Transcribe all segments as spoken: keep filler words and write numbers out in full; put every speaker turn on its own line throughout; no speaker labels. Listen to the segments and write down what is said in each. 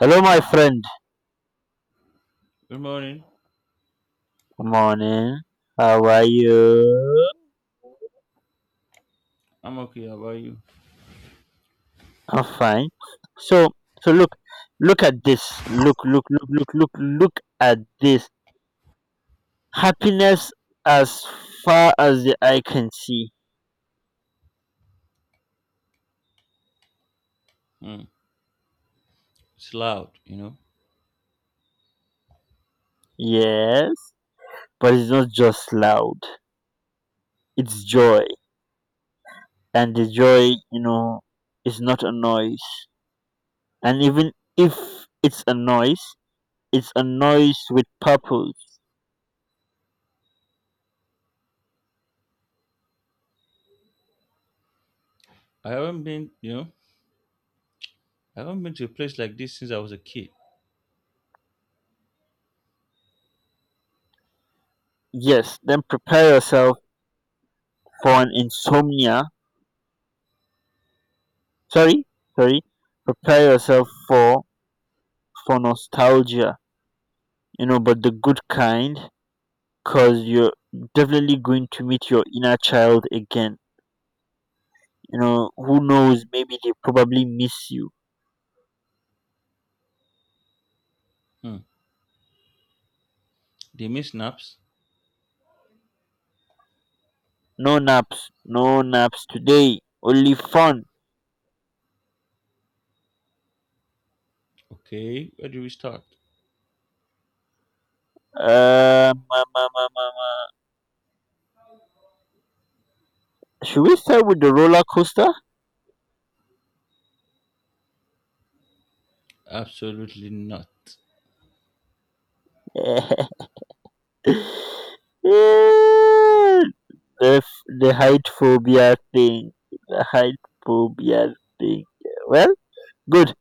Hello, my friend.
Good morning.
Morning. How are you?
I'm okay. How about you?
I'm fine. So, so look, look at this. Look, look, look, look, look, look at this. Happiness as far as the eye can see.
Hmm. It's loud, you know.
Yes, but it's not just loud. It's joy, and the joy, you know, is not a noise. And even if it's a noise, it's a noise with purpose.
I haven't been, you know, I haven't been to a place like this since I was a kid.
Yes, then prepare yourself for an insomnia, sorry, sorry, prepare yourself for for nostalgia, you know, but the good kind, because you're definitely going to meet your inner child again. You know, who knows, maybe they probably miss you.
Hmm. They miss naps.
No naps, no naps today, only fun.
Okay, where do we start?
um, um, um, um, um, should we start with the roller coaster?
Absolutely not.
Yeah, the, f- the height phobia thing, the height phobia thing. Well, good,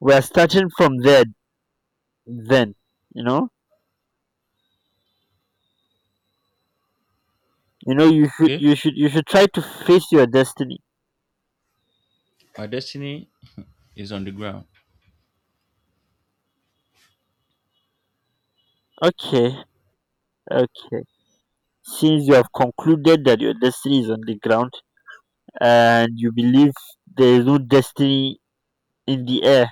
we're starting from there then. You know you know you should
Okay,
you should you should try to face your destiny.
my destiny is on the ground.
Okay, okay, since you have concluded that your destiny is on the ground and you believe there is no destiny in the air,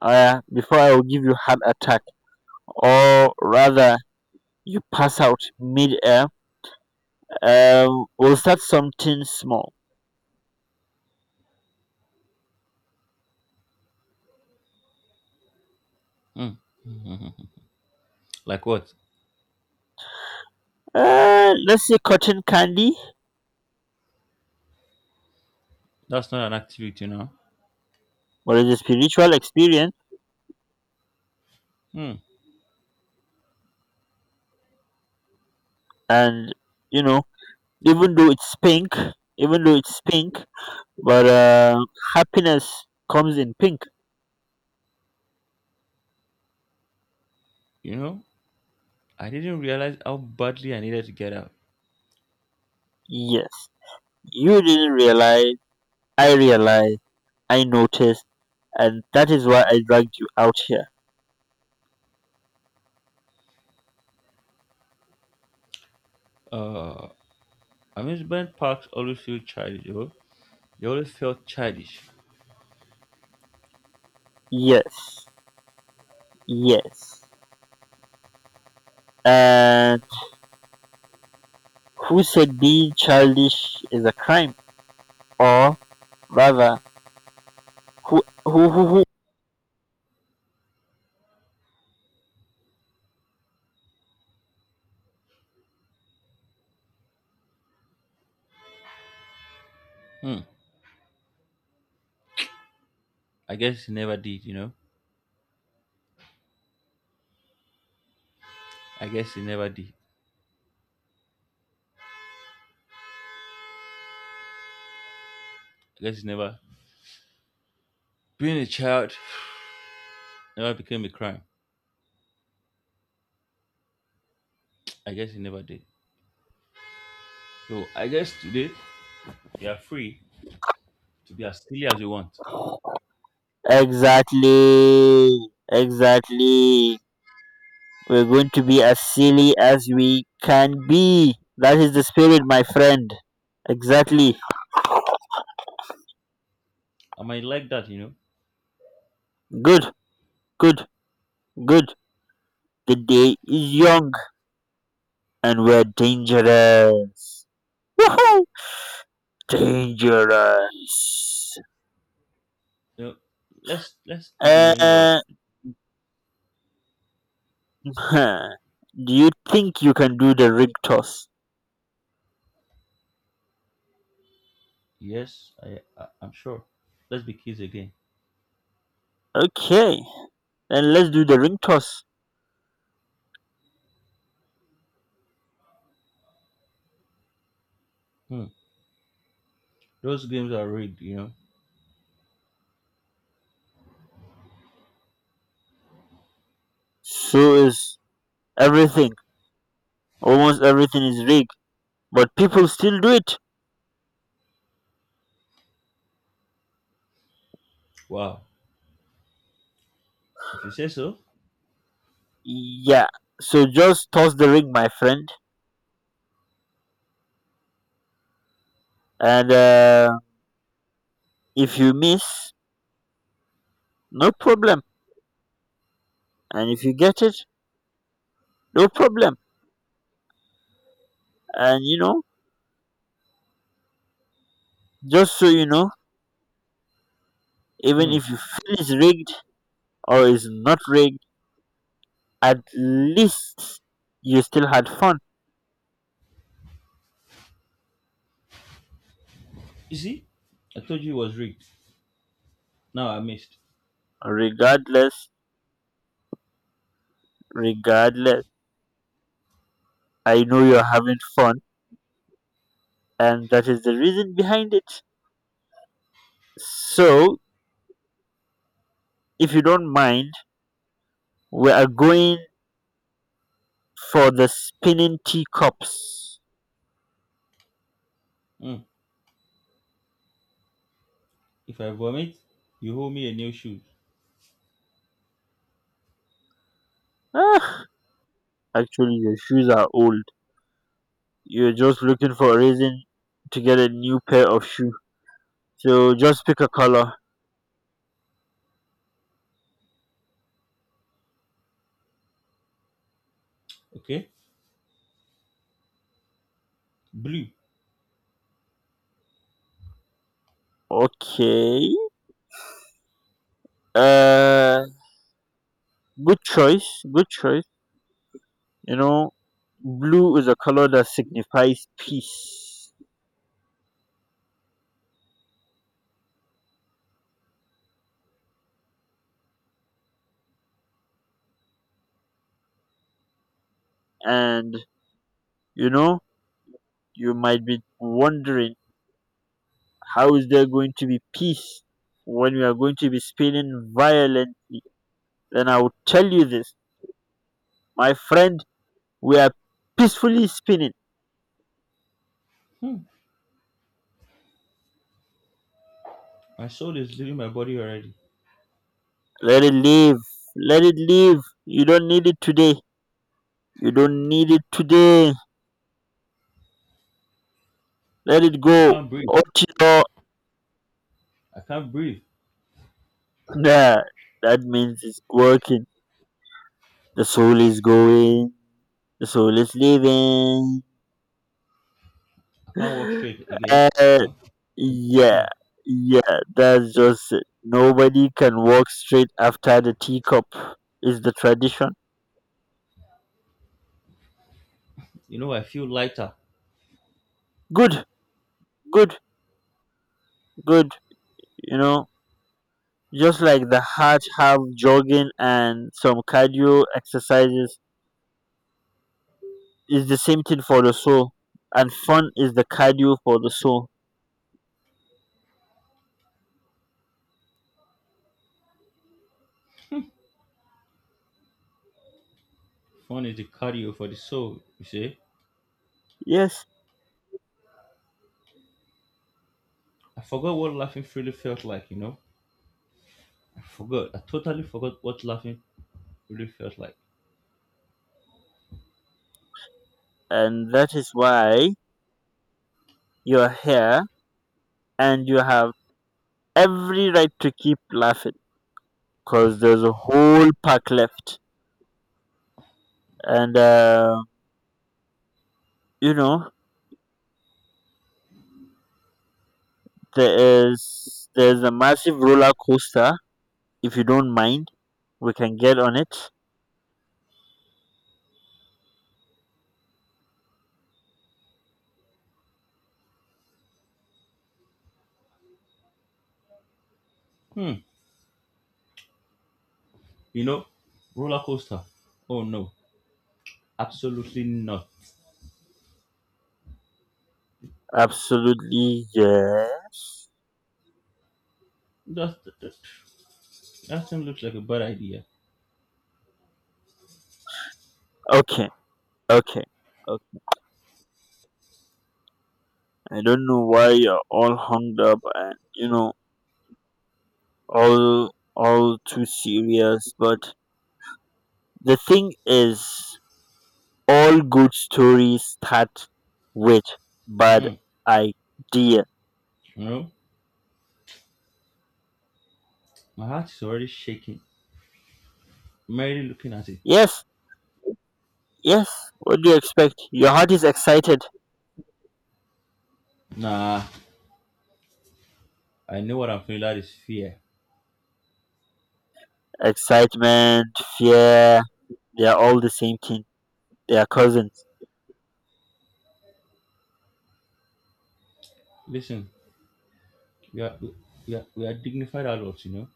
uh, before I will give you heart attack, or rather you pass out mid-air, um, we'll start something small.
Hmm. Like what?
Uh, let's say cotton candy.
That's not an activity now.
What is a spiritual experience?
Hmm.
And you know, even though it's pink, even though it's pink but uh happiness comes in pink.
You know, I didn't realize how badly I needed to get out.
Yes, you didn't realize, I realized, I noticed, and that is why I dragged you out here.
Uh, Amusement parks always feel childish. You know? They always felt childish.
Yes, yes, and who said being childish is a crime? Or rather, who who who,
Hmm. I guess it never did, you know. I guess he never did. I guess he never. Being a child never became a crime. I guess he never did. So I guess today we are free to be as silly as we want.
Who? Exactly, exactly. We're going to be as silly as we can be. That is the spirit, my friend. Exactly.
I might like that, you know.
Good, good, good. The day is young and we're dangerous. Woohoo! Dangerous.
You know, let's let's do the ring road.
Uh, huh. Do you think you can do the ring toss?
Yes, I, I I'm sure. Let's be kids again.
Okay, then let's do the ring toss.
Hmm. Those games are rigged, you know.
So is everything. Almost everything is rigged, but people still do it.
Wow. If you say so.
Yeah. So just toss the ring, my friend, and uh, if you miss, no problem, and if you get it, no problem, and you know, just so you know, even
Hmm.
if you feel it's rigged or it's not rigged, at least you still had fun.
You see, I told you it was rigged. Now I missed.
Regardless, regardless, I know you're having fun, and that is the reason behind it. So, if you don't mind, we are going for the spinning teacups.
Hmm. If I vomit, you hold me a new shoe.
Ah, actually, your shoes are old. You're just looking for a reason to get a new pair of shoe. So just pick a color.
Okay. Blue.
Okay. Uh, Good choice. Good choice. You know, blue is a color that signifies peace. And you know, you might be wondering how is there going to be peace when we are going to be spinning violently? Then I will tell you this, my friend. We are peacefully spinning.
Hmm. My soul is leaving my body already.
Let it live. Let it live. You don't need it today. You don't need it today. Let it
I
go.
can't breathe.
Otio.
I can't breathe.
Nah, that means it's working. The soul is going. The soul is leaving.
I can't walk straight again. You
Uh,
know,
yeah,
hey,
yeah, that's just it. Nobody can walk straight after the teacup is the tradition.
you know I feel lighter.
Good, good, good. You know, just like the heart have jogging and some cardio exercises, it's the same thing for the soul. And fun is the cardio for the soul.
Fun is the cardio for the soul, you see?
Yes,
I forgot what laughing freely felt like, you know? I forgot. I totally forgot what laughing really felt like.
and that is why you're here and you have every right to keep laughing because there's a whole pack left. And, uh, you know, there is there's a massive roller coaster. If you don't mind, we can get on it.
Hmm. You know, roller coaster. Oh no. Absolutely not.
Absolutely, yes.
that, that, that thing looks like a bad idea.
Okay. Okay. Okay. I don't know why you're all hung up and you know all all too serious, but the thing is, all good stories start with bad
Hmm.
idea.
You know, my heart is already shaking. Merely looking at it.
Yes, yes. What do you expect? Your heart is excited,
Nah, I know what I'm feeling. That is fear.
excitement, fear. They are all the same thing. They are cousins.
Listen, We are we are we are dignified adults, you know.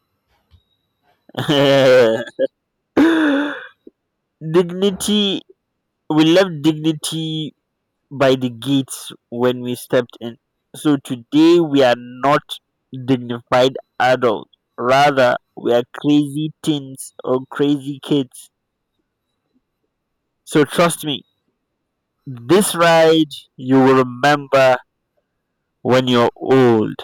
Dignity. We love dignity by the gates when we stepped in. So today we are not dignified adults. Rather, we are crazy teens or crazy kids. So trust me, this ride you will remember when you're old.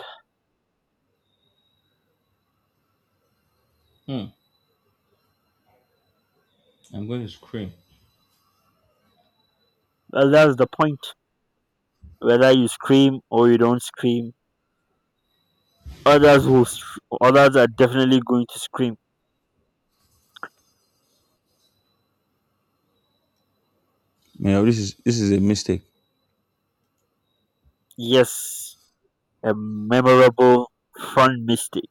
Hmm. I'm going to scream.
Well, that's the point. Whether you scream or you don't scream, others will. Others are definitely going to scream.
You know, this is this is a mistake.
Yes, a memorable, fun mistake.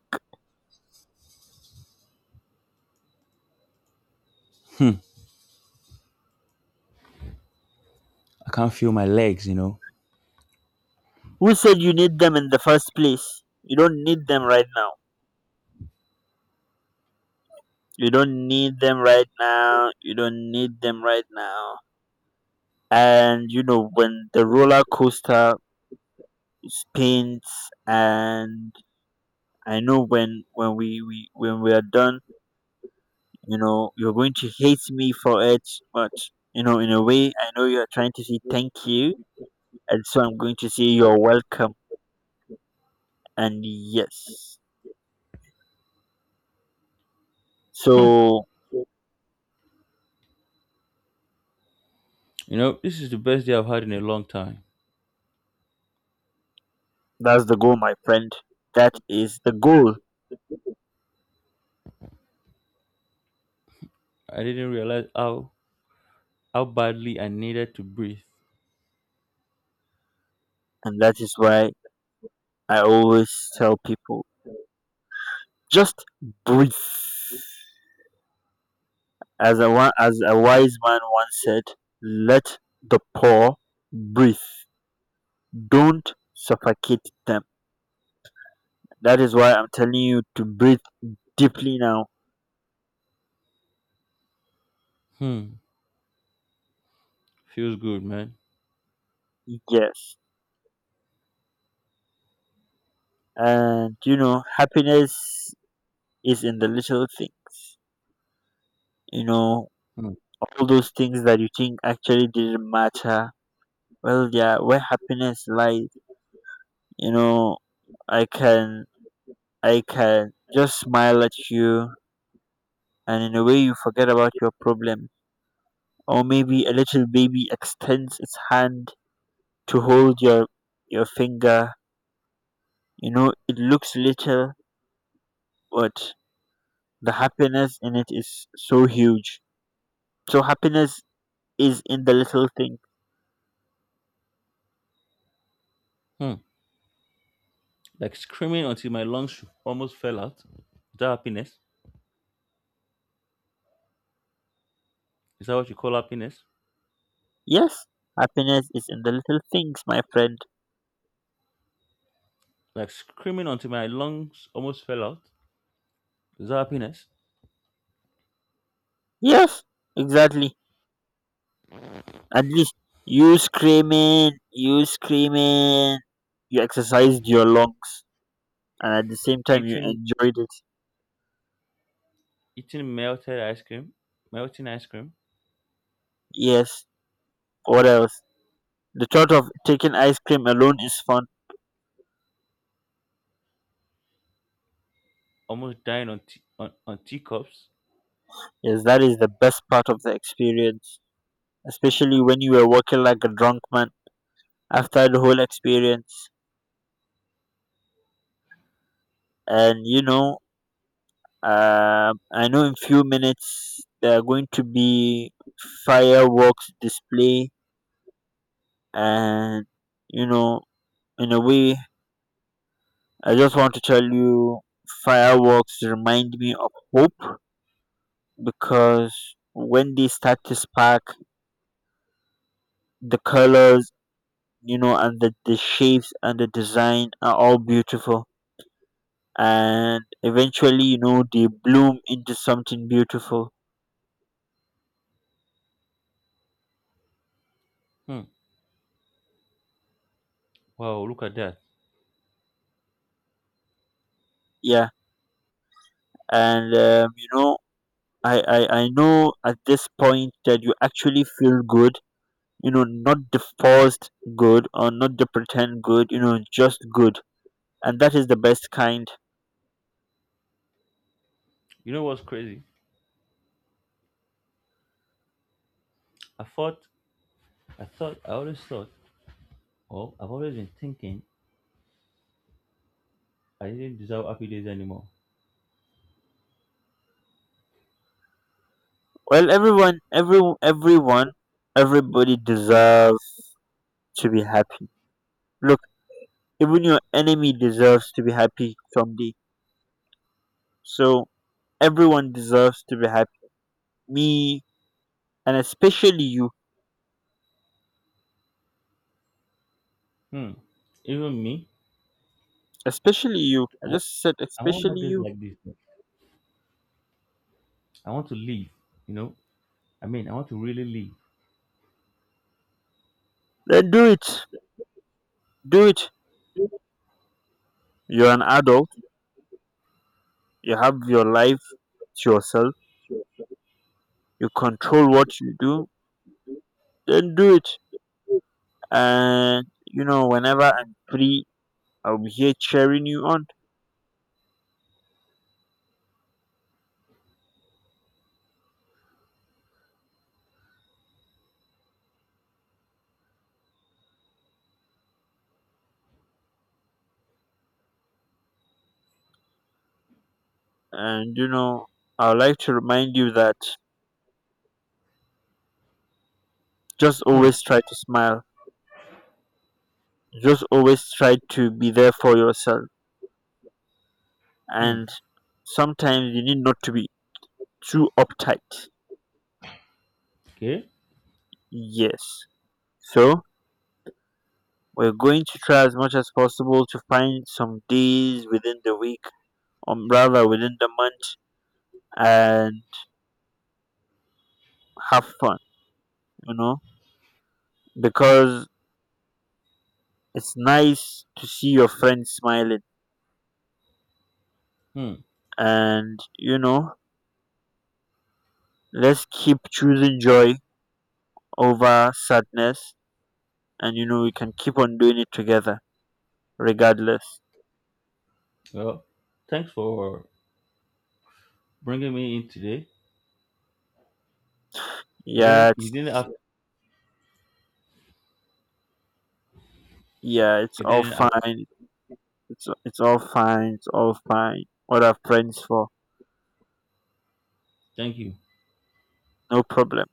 I can't feel my legs, you know.
Who said you need them in the first place? You don't need them right now. You don't need them right now. You don't need them right now. And you know, when the roller coaster spins and I know when when we, we when we are done, you know, you're going to hate me for it, but you know, in a way I know you're trying to say thank you and so I'm going to say you're welcome and yes. So
You know, this is the best day I've had in a long time.
that's the goal, my friend. That is the goal.
I didn't realize how how badly I needed to breathe.
And that is why I always tell people just breathe. As a wa- as a wise man once said, "Let the poor breathe. Don't suffocate them." That is why I'm telling you to breathe deeply now.
Hmm. Feels good, man.
Yes, and you know, happiness is in the little things. You know,
Hmm.
all those things that you think actually didn't matter. Well, yeah, where happiness lies. You know, I can I can just smile at you, and in a way, you forget about your problem. Or maybe a little baby extends its hand to hold your your finger. You know, it looks little, but the happiness in it is so huge. So happiness is in the little thing.
Hmm. Like screaming until my lungs almost fell out. Is that happiness? Is that what you call happiness?
Yes, happiness is in the little things, my friend.
Like screaming until my lungs almost fell out. Is that happiness?
Yes, exactly. At least you screaming, you screaming, you exercised your lungs and at the same time you
Eating
enjoyed it.
eating melted ice cream. Melting ice cream
Yes. What else? The thought of taking ice cream alone is fun.
almost dying on tea, on, on teacups.
Yes, that is the best part of the experience, especially when you were walking like a drunk man after the whole experience. And you know, uh, I know in few minutes there are going to be fireworks display, and you know, in a way, I just want to tell you, fireworks remind me of hope because when they start to spark, the colors, you know, and the, the shapes and the design are all beautiful. And eventually, you know, they bloom into something beautiful.
Hmm. Wow, look at that.
Yeah. And, um, you know, I, I, I know at this point that you actually feel good, you know, not the forced good or not the pretend good, you know, just good. And that is the best kind.
You know what's crazy? I thought, I thought, I always thought, oh, I've always been thinking I didn't deserve happy days anymore.
Well, everyone, every, everyone, everybody deserves to be happy. Look, even your enemy deserves to be happy someday. So everyone deserves to be happy. Me and especially you.
Hmm. Even me,
Especially you. I
I wa-
just said
I want more
especially
days
you.
like this. I want to live, you know? I mean, I want to really live.
Then do it. Do it. You're an adult. You have your life to yourself. You control what you do. Then do it. And you know, whenever I'm free, I'll be here cheering you on. And you know, I'd like to remind you that just
Hmm.
always try to smile. Just always try to be there for yourself.
Hmm.
And sometimes you need not to be too uptight.
Okay.
Yes. So we're going to try as much as possible to find some days within the week, or rather within the month, and have fun, you know, because it's nice to see your friends smiling.
Hmm.
And, you know, let's keep choosing joy over sadness. And, you know, we can keep on doing it together, regardless.
Well, thanks for bringing me in today. You
Yeah,
didn't, you didn't
it's
have,
yeah, it's
you
all
didn't have.
fine. It's it's all fine. It's all fine. What are friends for?
Thank you.
No problem.